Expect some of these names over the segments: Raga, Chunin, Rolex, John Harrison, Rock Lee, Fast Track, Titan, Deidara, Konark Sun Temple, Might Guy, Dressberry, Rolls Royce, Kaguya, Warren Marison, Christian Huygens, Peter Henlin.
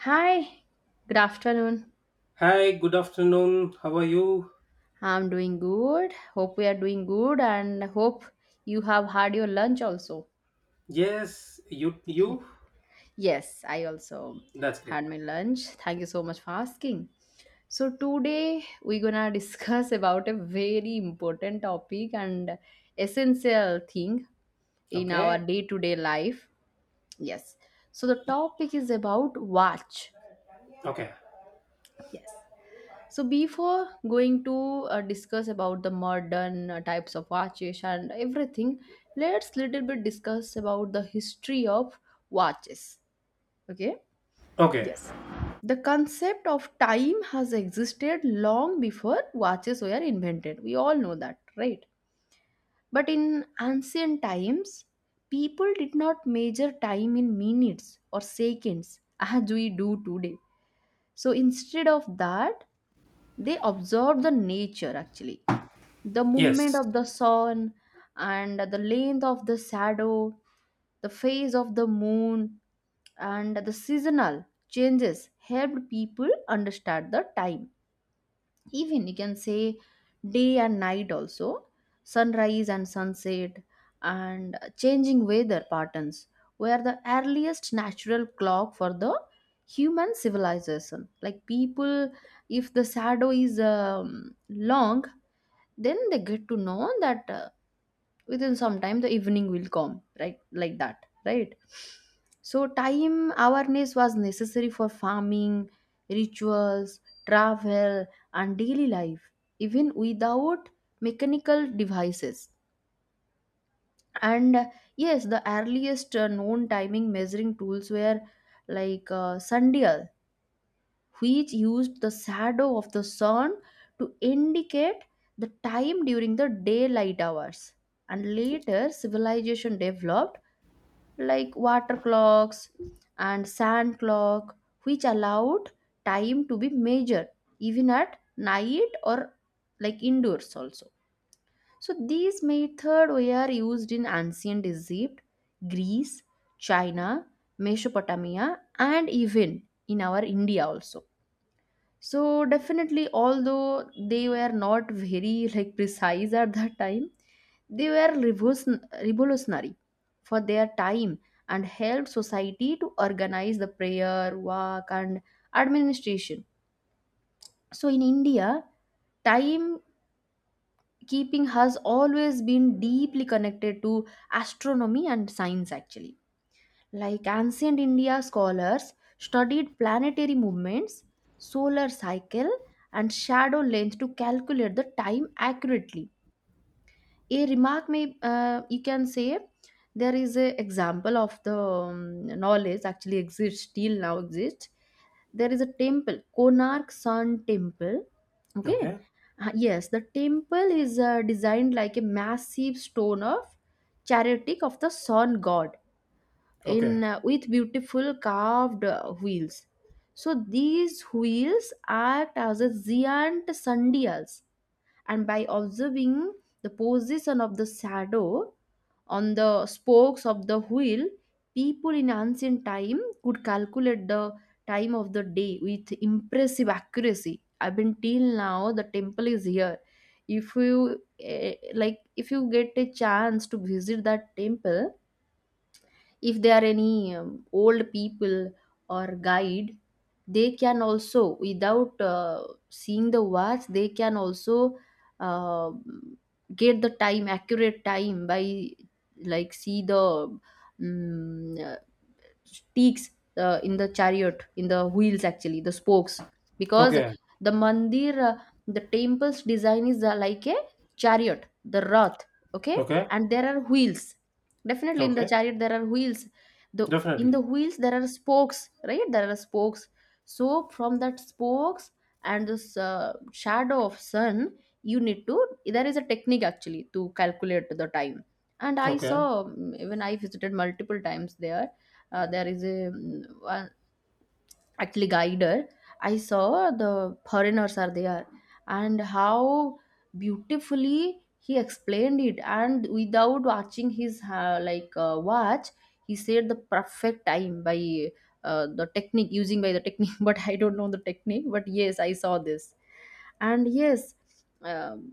Hi, good afternoon. Hi, good afternoon. How are you? I'm doing good. Hope we are doing good and hope you have had your lunch also. Yes, you Yes, I also that's great. had my lunch. Thank you so much for asking. So, today we're gonna discuss about a very important topic and essential thing in our Okay. day to day life. Yes, so the topic is about watch. Okay. Yes. So before going to discuss about the modern types of watches and everything, let's little bit discuss about the history of watches. Okay? Okay. Yes. The concept of time has existed long before watches were invented. We all know that, right? But in ancient times, people did not measure time in minutes or seconds as we do today. So instead of that, they observed the nature actually the movement Yes. of the sun and the length of the shadow, the phase of the moon, and the seasonal changes helped people understand the time. Even you can say day and night also, sunrise and sunset, and changing weather patterns were the earliest natural clock for the human civilization. Like people, if the shadow is long, then they get to know that within some time the evening will come, right? Like that, right? So time awareness was necessary for farming, rituals, travel, and daily life, even without mechanical devices. And yes, the earliest known timing measuring tools were like sundial, which used the shadow of the sun to indicate the time during the daylight hours. And later, civilization developed like water clocks and sand clock, which allowed time to be measured even at night or like indoors also. So these methods were used in ancient Egypt, Greece, China, Mesopotamia, and even in our India also. So definitely, although they were not very like precise at that time, they were revolutionary for their time and helped society to organize the prayer work and administration. So in India, time keeping has always been deeply connected to astronomy and science actually. Like ancient India scholars studied planetary movements, solar cycle, and shadow length to calculate the time accurately. A remark may, you can say, there is a example of the knowledge actually exists, still now exists. There is a temple, Konark Sun Temple. Okay. Okay. Yes, the temple is designed like a massive stone of chariot of the sun god Okay. in, with beautiful carved wheels. So these wheels act as a giant sundials, and by observing the position of the shadow on the spokes of the wheel, people in ancient time could calculate the time of the day with impressive accuracy. I've been till now the temple is here. If you, eh, like, if you get a chance to visit that temple, if there are any old people or guide, they can also without, seeing the watch, they can also, uh, get the time, accurate time, by like see the um, sticks, in the chariot, in the wheels, actually the spokes, because Okay. the mandir, the temple's design is, like a chariot, the rath. Okay? Okay. And there are wheels, definitely in the Okay. chariot there are wheels, the in the Definitely. wheels there are spokes, right, there are spokes. So from that spokes and this shadow of sun, you need to, there is a technique actually to calculate the time. And I saw, Okay. Even I visited multiple times there. There is a, one- actually guider. I saw the foreigners are there, and how beautifully he explained it, and without watching his like watch, he said the perfect time by, the technique, using by the technique but I don't know the technique, but yes I saw this. And yes, um,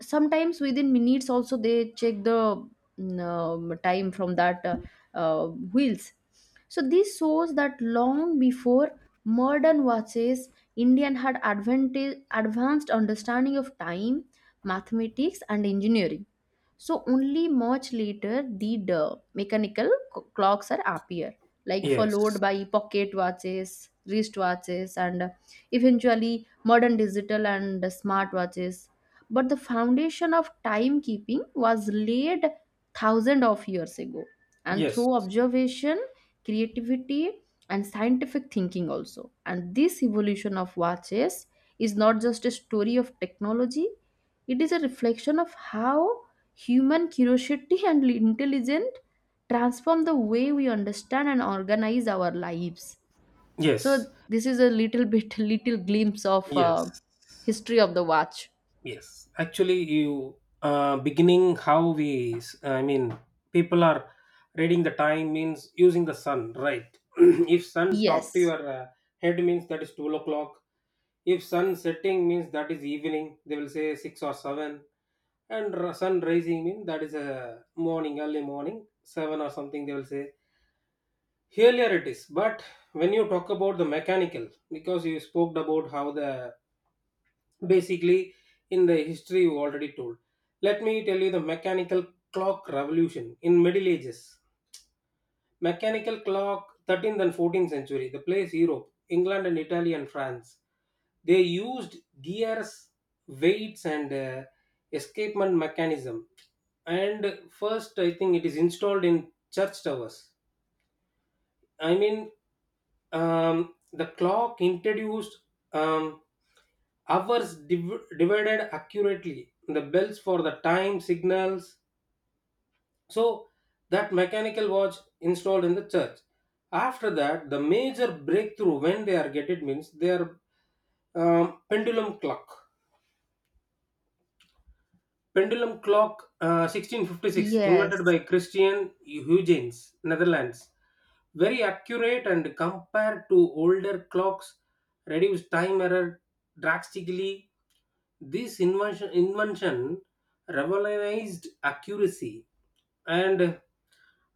sometimes within minutes also they check the, time from that, wheels. So this shows that long before modern watches, Indian had advanced understanding of time, mathematics, and engineering. So only much later did, mechanical clocks are appear, like followed Yes. by pocket watches, wrist watches, and, eventually modern digital and, smart watches. But the foundation of timekeeping was laid thousands of years ago, and Yes. through observation, creativity, and scientific thinking also. And this evolution of watches is not just a story of technology; it is a reflection of how human curiosity and intelligence transform the way we understand and organize our lives. So Yes. this is a little bit, little glimpse of, Yes. history of the watch. Yes. Actually, you beginning how we I mean people are reading the time means using the sun, right? If sun top to Yes, your head means that is 12 o'clock. If sun setting means that is evening, they will say 6 or 7. And sun rising means that is a morning, early morning, 7 or something, they will say. Earlier it is. But when you talk about the mechanical, because you spoke about how the basically in the history you already told, let me tell you the mechanical clock revolution in Middle Ages. Mechanical clock, 13th and 14th century. The place Europe, England and Italy and France. They used gears, weights, and escapement mechanism. And first, I think it is installed in church towers. I mean, the clock introduced um, hours divided accurately. The bells for the time signals, so that mechanical watch installed in the church. After that, the major breakthrough when they are get it means their pendulum clock. Pendulum clock 1656, invented yes, by Christian Huygens, Netherlands. Very accurate and compared to older clocks, reduce time error drastically. This invention revolutionized accuracy. And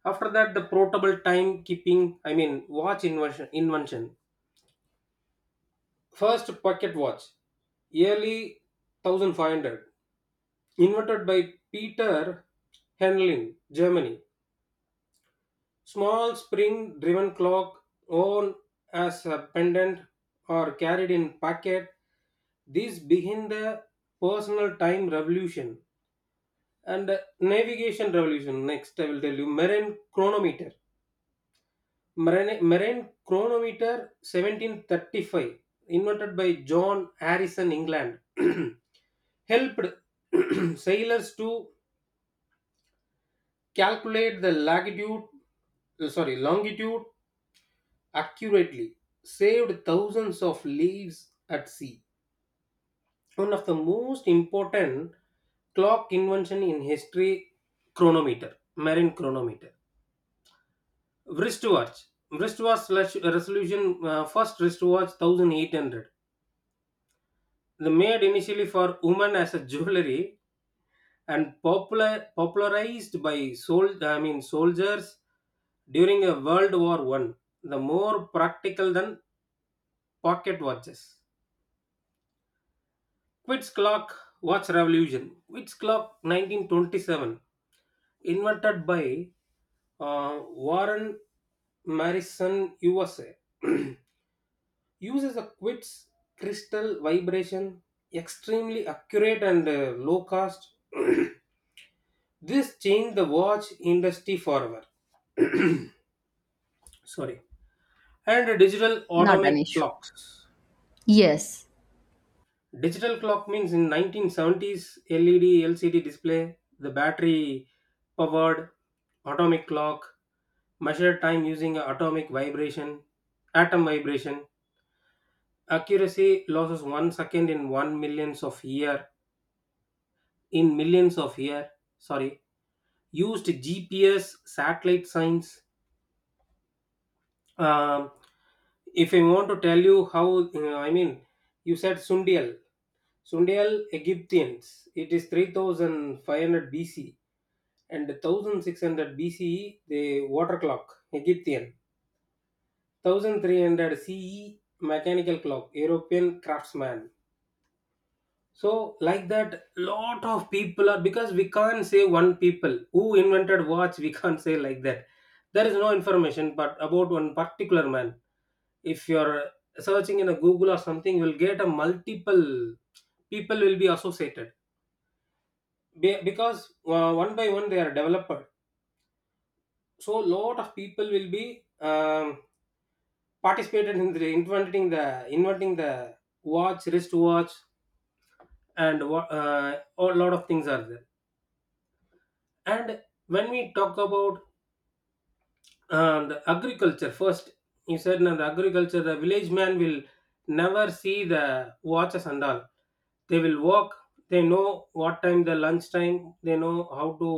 after that, the portable time keeping, I mean, watch invention. First pocket watch, yearly 1500, invented by Peter Henlin, Germany. Small spring driven clock, worn as a pendant or carried in pocket. This begin the personal time revolution and navigation revolution. Next, I will tell you marine chronometer. Marine chronometer 1735, invented by John Harrison, England. Helped sailors to calculate the latitude, sorry, longitude accurately, saved thousands of lives at sea. One of the most important clock invention in history, chronometer, marine chronometer. Wristwatch, wristwatch resolution, first wristwatch 1800. The made initially for women as a jewelry and popularized by sold I mean soldiers during a World War I. The more practical than pocket watches. Quits clock watch revolution. Quits clock 1927 invented by Warren Marison, USA. Uses a Quits crystal vibration, extremely accurate and low cost. This changed the watch industry forever. Sorry. And digital not an atomic issue. clocks. Yes, Digital clock means in 1970s LED LCD display, the battery powered atomic clock measured time using atomic vibration, atom vibration. Accuracy loses 1 second in one millions of year. In millions of year, sorry. Used GPS, satellite science. um, if I want to tell you how, I mean, you said Sundial. Sundial Egyptians, it is 3500 BC and 1600 BCE, the water clock, Egyptian. 1300 CE, mechanical clock, European craftsman. So, like that, lot of people are because we can't say one people who invented watch, we can't say like that. There is no information but about one particular man. If you're searching in a Google or something, you'll get a multiple people will be associated. Because one by one they are developed. So lot of people will be participated in the inventing the watch, wristwatch, and what a lot of things are there. And when we talk about and the agriculture first, you said now the agriculture the village man will never see the watches and all, they will walk, they know what time the lunch time, they know how to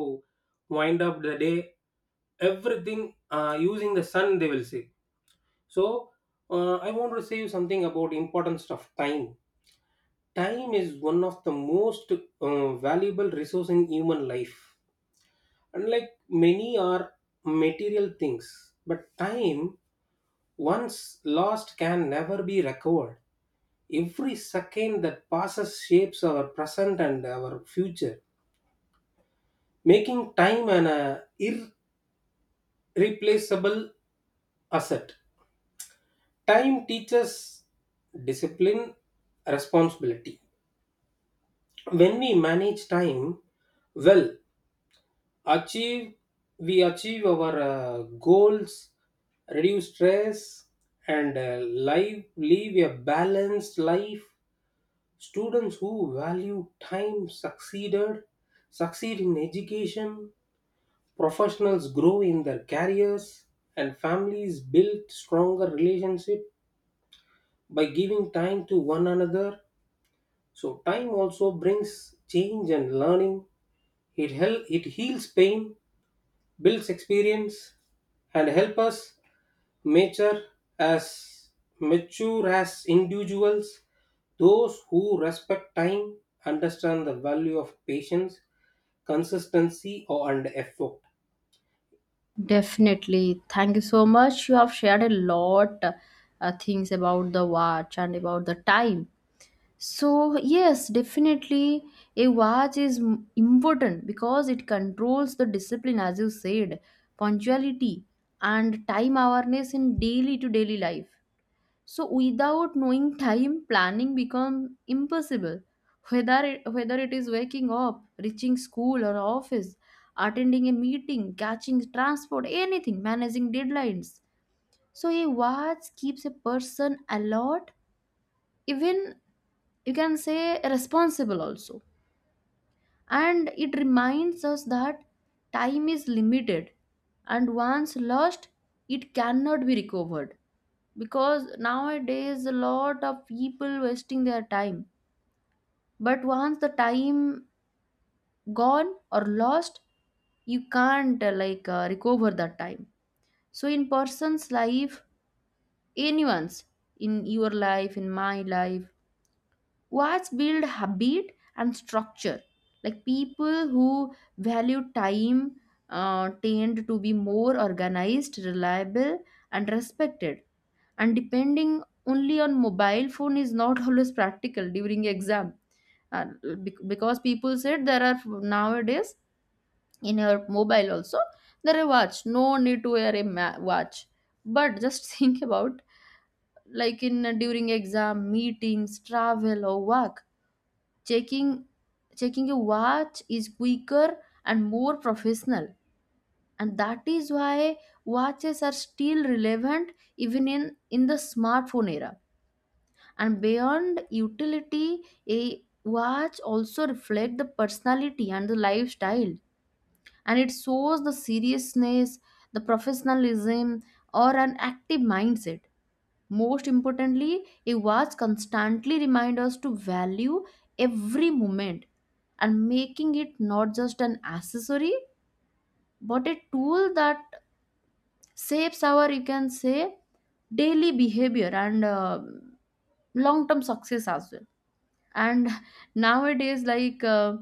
wind up the day, everything using the sun they will see. So I want to say you something about importance of time. Time is one of the most valuable resource in human life, and like many are material things but time once lost can never be recovered. Every second that passes shapes our present and our future, making time an irreplaceable asset. Time teaches discipline, responsibility. When we manage time well, achieve we achieve our goals, reduce stress, and live a balanced life. Students who value time succeed in education, professionals grow in their careers, and families build stronger relationship by giving time to one another. So time also brings change and learning, it heals pain, builds experience and help us mature as mature as individuals. Those who respect time understand the value of patience, consistency or and effort. definitely. Thank you so much. You have shared a lot things about the watch and about the time. So, yes, definitely a watch is important because it controls the discipline, as you said, punctuality, and time awareness in daily to daily life. So, without knowing time, planning become impossible. Whether it is waking up, reaching school or office, attending a meeting, catching transport, anything, managing deadlines. So, a watch keeps a person alert, even you can say responsible also. And it reminds us that time is limited, and once lost, it cannot be recovered, because nowadays a lot of people wasting their time. But once the time gone or lost, you can't, like, recover that time. So in person's life, anyone's, in your life, in my life, what's build habit and structure. Like people who value time, tend to be more organized, reliable, and respected. And depending only on mobile phone is not always practical during exam. Uh, because people said there are nowadays in your mobile also there are watch. No need to wear a watch. But just think about, like in during exam, meetings, travel, or work, checking checking a watch is quicker and more professional, and that is why watches are still relevant, even in the smartphone era. And beyond utility, a watch also reflect the personality and the lifestyle, and it shows the seriousness, the professionalism, or an active mindset. Most importantly, it was constantly remind us to value every moment, and making it not just an accessory but a tool that shapes our, you can say, daily behavior and, long term success as well. And nowadays, like,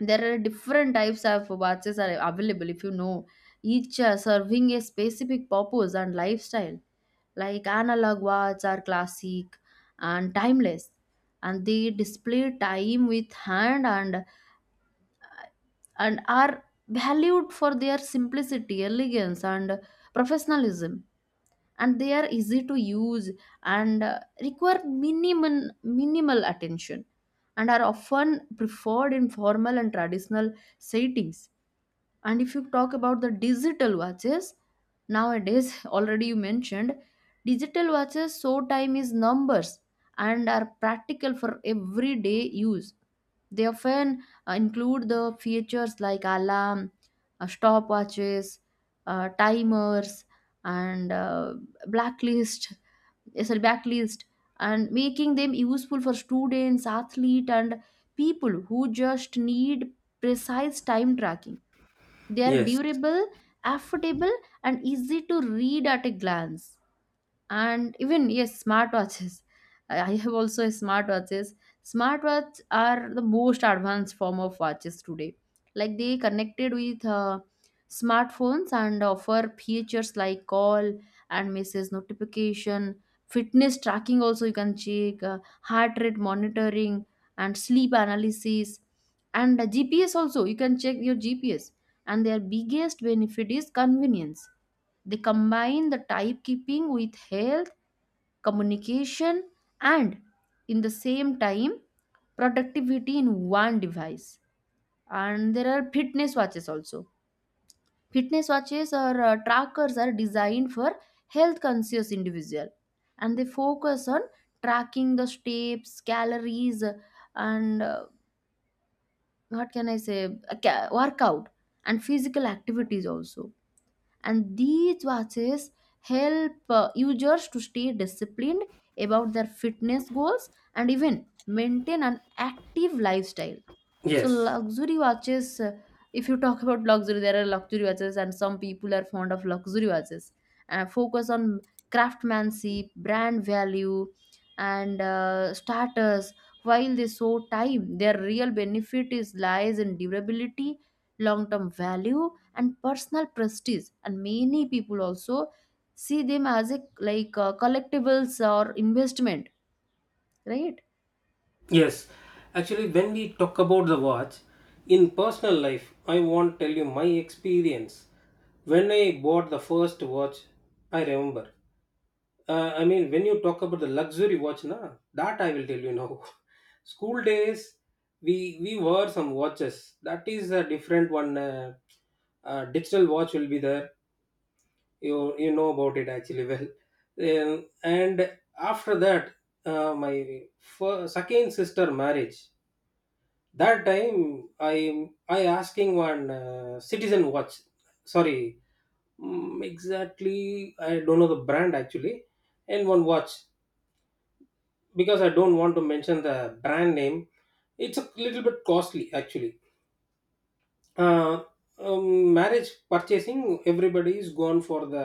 there are different types of watches are available, if you know, each serving a specific purpose and lifestyle. Like analog watch are classic and timeless, and they display time with hand, and are valued for their simplicity, elegance, and professionalism. And they are easy to use, and, require minimum minimal attention, and are often preferred in formal and traditional settings. And if you talk about the digital watches, nowadays, already you mentioned, digital watches show time is numbers and are practical for everyday use. They often, include the features like alarm, stopwatches, timers, and, blacklist, eh, sorry, backlist, and making them useful for students, athletes, and people who just need precise time tracking. They are Yes, durable, affordable, and easy to read at a glance. And even, yes, smartwatches, I have also a smartwatches. Smartwatch are the most advanced form of watches today. Like they connected with, smartphones, and offer features like call and message notification, fitness tracking also, you can check, heart rate monitoring, and sleep analysis, and, GPS also, you can check your GPS. And their biggest benefit is convenience. They combine the type keeping with health, communication, and, in the same time, productivity in one device. And there are fitness watches also. Fitness watches or, trackers are designed for health conscious individual, and they focus on tracking the steps, calories, and, what can I say, workout and physical activities also. And these watches help, users to stay disciplined about their fitness goals, and even maintain an active lifestyle. So yes, luxury watches, if you talk about luxury, there are luxury watches, and some people are fond of luxury watches. Focus on craftsmanship, brand value, and, starters. While they show time, their real benefit is lies in durability, long-term value, and personal prestige. And many people also see them as a like, collectibles or investment, right? yes. Actually, when we talk about the watch, in personal life I want to tell you my experience. When I bought the first watch, I remember. I mean, when you talk about the luxury watch, na, that I will tell you now. School days, we wore some watches. That is a different one. Digital watch will be there. You know about it actually well. And after that, my first, second sister marriage. That time, I asking one citizen watch. Sorry, exactly. I don't know the brand actually, and one watch. Because I don't want to mention the brand name, it's a little bit costly actually. uh, Marriage purchasing, everybody is gone for the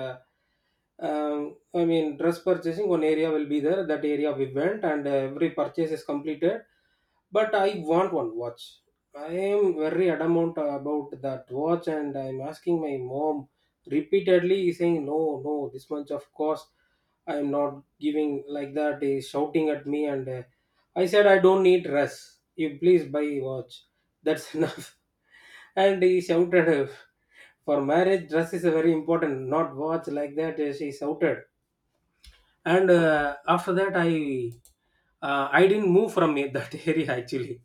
I mean, dress purchasing, one area will be there. That area we went, and every purchase is completed. But I want one watch, I am very adamant about that watch and I'm asking my mom repeatedly, saying, no, no, this much of cost I am not giving like that, is shouting at me. And I said, I don't need dress, you please buy watch, that's enough. And he shouted, for marriage, dress is very important, not watch like that. She shouted. And after that, I didn't move from that area actually.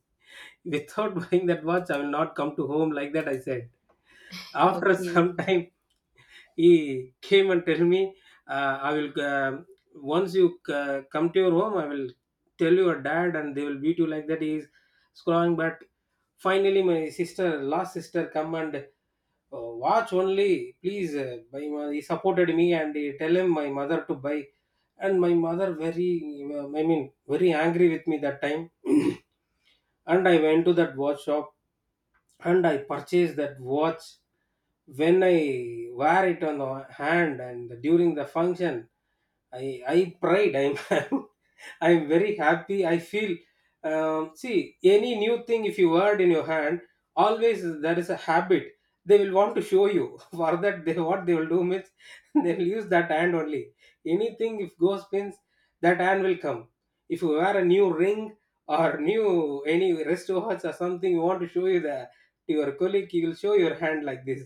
Without buying that watch, I will not come to home like that, I said. After Okay. some time, he came and tell me, I will once you come to your home, I will tell your dad, and they will beat you like that. He is scrawling, but finally, my sister, last sister, come and, oh, watch only, please. By my, he supported me and he tell him my mother to buy, and my mother very, I mean, very angry with me that time. And I went to that watch shop and I purchased that watch. When I wear it on the hand and during the function, I prayed. I'm I'm very happy I feel. See any new thing if you word in your hand, always there is a habit, they will want to show you. For that, they, what they will do means, they will use that hand only, anything if goes means that hand will come. If you wear a new ring or new any wristwatch or something, you want to show you the, to your colleague, he will show your hand like this.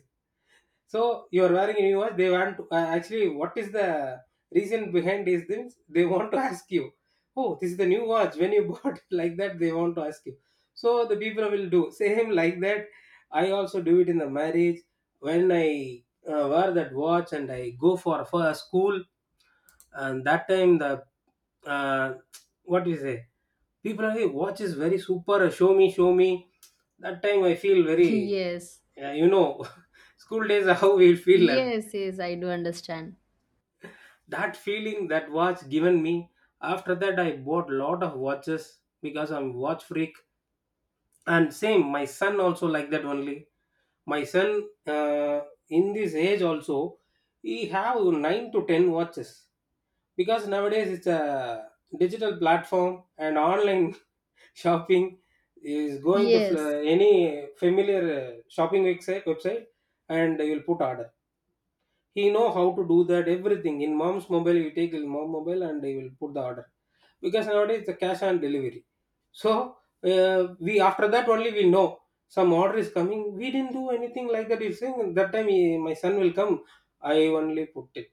So you are wearing a new watch. They want to, actually, what is the reason behind these things? They want to ask you, oh, this is the new watch. When you bought it like that, they want to ask you. So the people will do same like that. I also do it in the marriage when I wear that watch and I go for a school, and that time the uh, what do you say, people are like, hey watch is very super, show me, show me. That time I feel very. Yes. Yeah, school days are how we feel. And Yes, yes, I do understand. that feeling that watch given me. After that, I bought lot of watches because I'm watch freak. And same, my son also like that only. My son, in this age also, he have 9 to 10 watches because nowadays it's a digital platform and online shopping is going to Yes, any familiar shopping website. And you'll put order, he know how to do that everything in mom's mobile, you take in mom mobile and he will put the order, because nowadays the cash on delivery. So we after that only we know some order is coming, we didn't do anything like that, he's saying that time, he, my son will come, I only put it,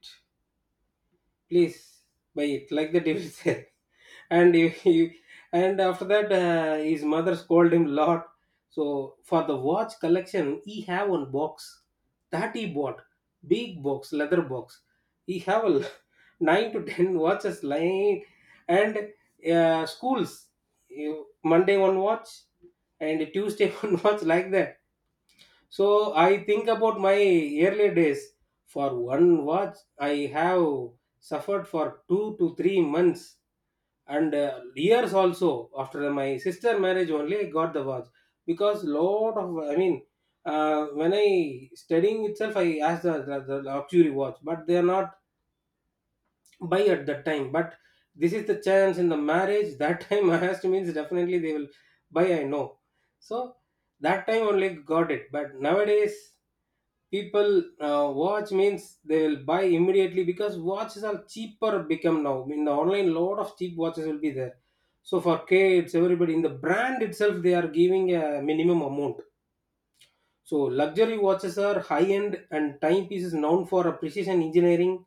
please buy it like the devil said. and he, he- and after that his mother scolded him lot. So for the watch collection he have one box that he bought, big box, leather box, he have a 9 to 10 watches lying. And schools, you, Monday one watch and Tuesday one watch like that. So I think about my early days. For one watch, I have suffered for 2 to 3 months and years also. After my sister marriage, only I got the watch because lot of, I mean, when I studying itself, I asked the luxury watch, but they are not buy at that time. But this is the chance in the marriage. That time I asked means definitely they will buy, I know, so that time only got it. But nowadays people watch means they will buy immediately because watches are cheaper become now in the online, lot of cheap watches will be there. So for kids everybody in the brand itself they are giving a minimum amount. So luxury watches are high-end and timepieces known for a precision engineering,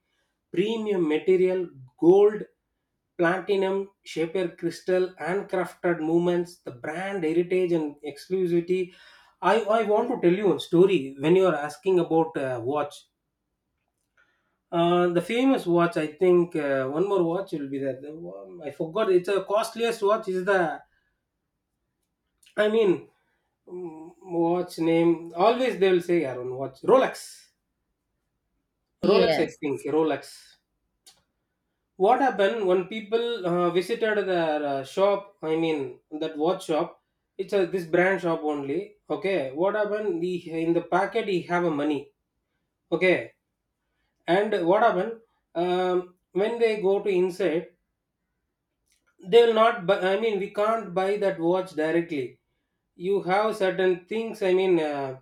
premium material, gold, platinum, shaper crystal, handcrafted movements, the brand heritage and exclusivity. I want to tell you a story when you are asking about watch. The famous watch, I think one more watch will be there. I forgot. It's a costliest watch. Is the, I mean, watch name? Always they will say Aaron watch Rolex. Rolex, I yes. think. Rolex. What happened when people visited their shop? I mean, that watch shop. It's a this brand shop only. Okay. What happened? He, in the packet, he have a money. Okay. And what happened? When they go to inside, they will not buy, I mean we can't buy that watch directly. You have certain things, I mean, uh,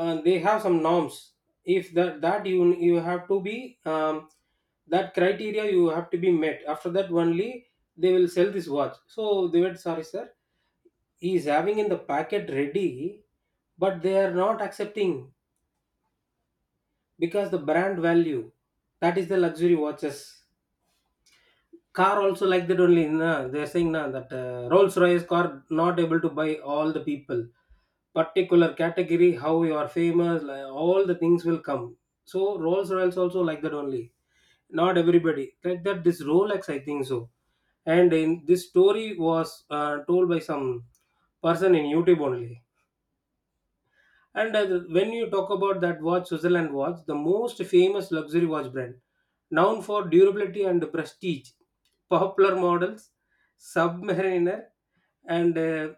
uh, they have some norms. If that you have to be that criteria you have to be met, after that only they will sell this watch. So they were sorry sir, he is having in the packet ready but they are not accepting, because the brand value, that is the luxury watches. Car also like that only na, they're saying na, that Rolls Royce car not able to buy all the people, particular category, how you are famous like, all the things will come. So Rolls Royce also like that only, not everybody like that, this Rolex I think so. And in this story was told by some person in YouTube only. And when you talk about that watch, Switzerland watch, the most famous luxury watch brand, known for durability and prestige, popular models, submariner, and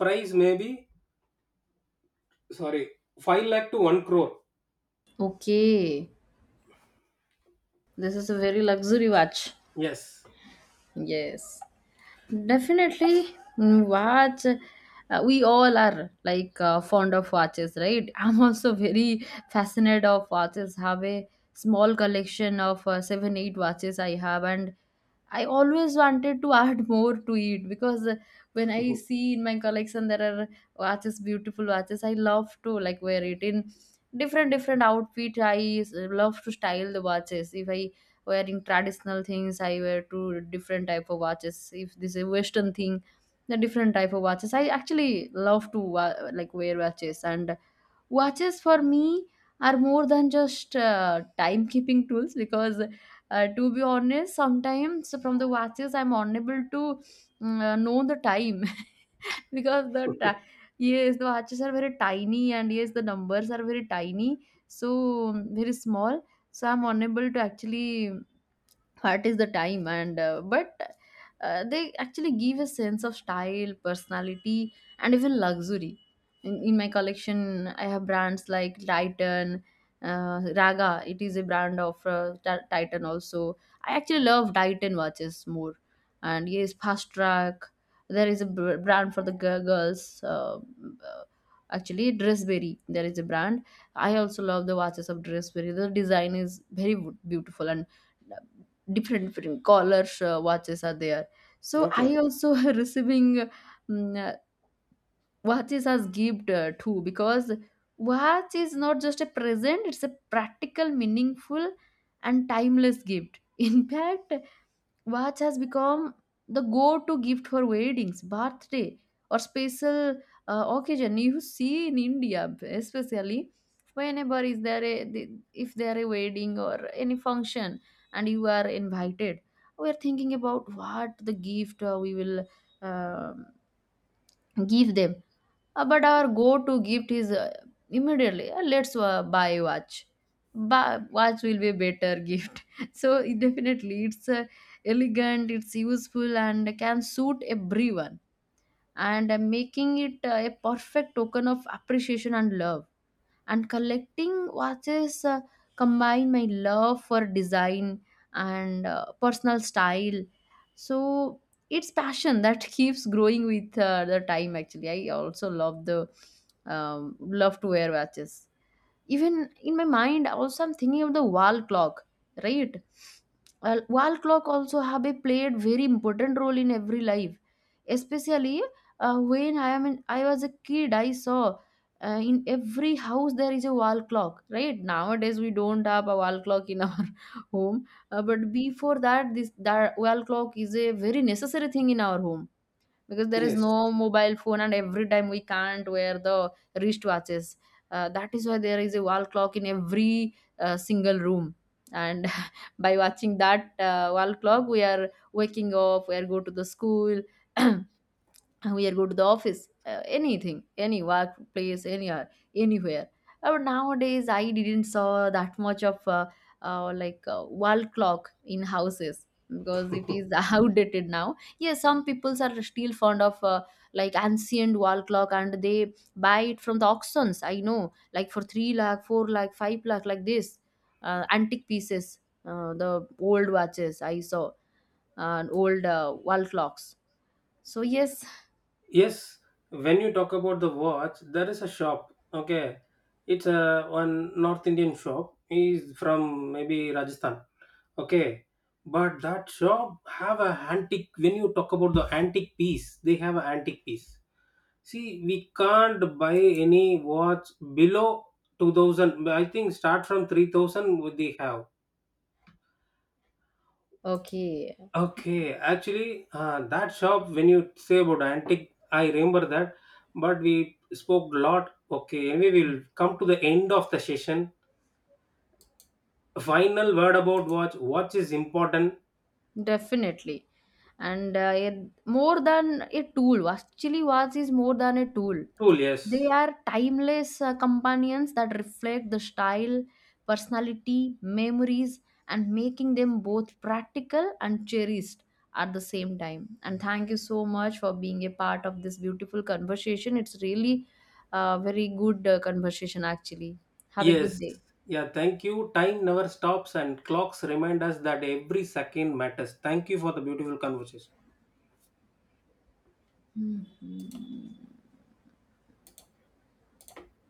price maybe, sorry, 5 lakh to 1 crore. Okay. This is a very luxury watch. Yes. Yes. Definitely, mm, watch. Uh, we all are like, fond of watches, right? I'm also very fascinated of watches. Have a small collection of, seven, eight watches I have, and I always wanted to add more to it, because, when I Mhm. see in my collection there are watches, beautiful watches. I love to like wear it in different different outfit. Love to style the watches. If I wearing traditional things, I wear two different type of watches. If this is western thing, the different type of watches. I actually love to like wear watches, and watches for me are more than just timekeeping tools. Because to be honest, sometimes from the watches I'm unable to know the time, because yes, the watches are very tiny, and yes, the numbers are very tiny, so very small. So I'm unable to actually what is the time. And but they actually give a sense of style, personality, and even luxury. In my collection, I have brands like Titan, Raga. It is a brand of Titan also. I actually love Titan watches more. And yes, Fast Track. There is a brand for the girls. Uh, Actually, Dressberry, there is a brand. I also love the watches of Dressberry. The design is very beautiful and uh, different different collars watches are there. So Okay. I also receiving mm, uh, watches as gift too, because watch is not just a present. It's a practical, meaningful, and timeless gift. In fact, watch has become the go-to gift for weddings, birthday, or special occasion. You see, in India, especially whenever is there a if there a wedding or any function, and you are invited, we are thinking about what the gift we will uh, give them. But our go-to gift is immediately, let's buy watch, buy, watch will be better gift. So it definitely it's elegant, it's useful, and can suit everyone. And making it a perfect token of appreciation and love. And collecting watches combine my love for design and personal style. So it's passion that keeps growing with the time. Actually, I also love the love to wear watches. Even in my mind also, I'm thinking of the wall clock, right? Well, wall clock also have a played very important role in every life. Especially when I was a kid, I saw in every house there is a wall clock, right? Nowadays we don't have a wall clock in our home. But before that, this that wall clock is a very necessary thing in our home, because there is Yes. no mobile phone, and every time we can't wear the wristwatches. That is why there is a wall clock in every single room. And by watching that wall clock, we are waking up, we are go to the school, we are go to the office, anything, any workplace, anywhere, anywhere. Nowadays I didn't saw that much of like wall clock in houses, because it is outdated now. Yes, some peoples are still fond of like ancient wall clock, and they buy it from the auctions. I know, like, for 3 lakh, 4 lakh, 5 lakh, like this, antique pieces, the old watches I saw, and old wall clocks. So yes. Yes. When you talk about the watch, there is a shop. Okay, it's a one North Indian shop. He's from maybe Rajasthan. Okay, but that shop have a antique. When you talk about the antique piece, they have an antique piece. See, we can't buy any watch below 2,000. I think start from 3,000. Would they have? Okay, Okay, actually, that shop when you say about antique, I remember that. But we spoke a lot. Okay, anyway, we'll come to the end of the session. Final word about watch. Watch is important. definitely. And more than a tool, actually, watch is more than a tool. Tool, yes. They are timeless companions that reflect the style, personality, memories, and making them both practical and cherished at the same time. And thank you so much for being a part of this beautiful conversation. It's really a very good conversation, actually. Have a good Yes. day. Yeah, thank you. Time never stops, and clocks remind us that every second matters. Thank you for the beautiful conversation. Hmm.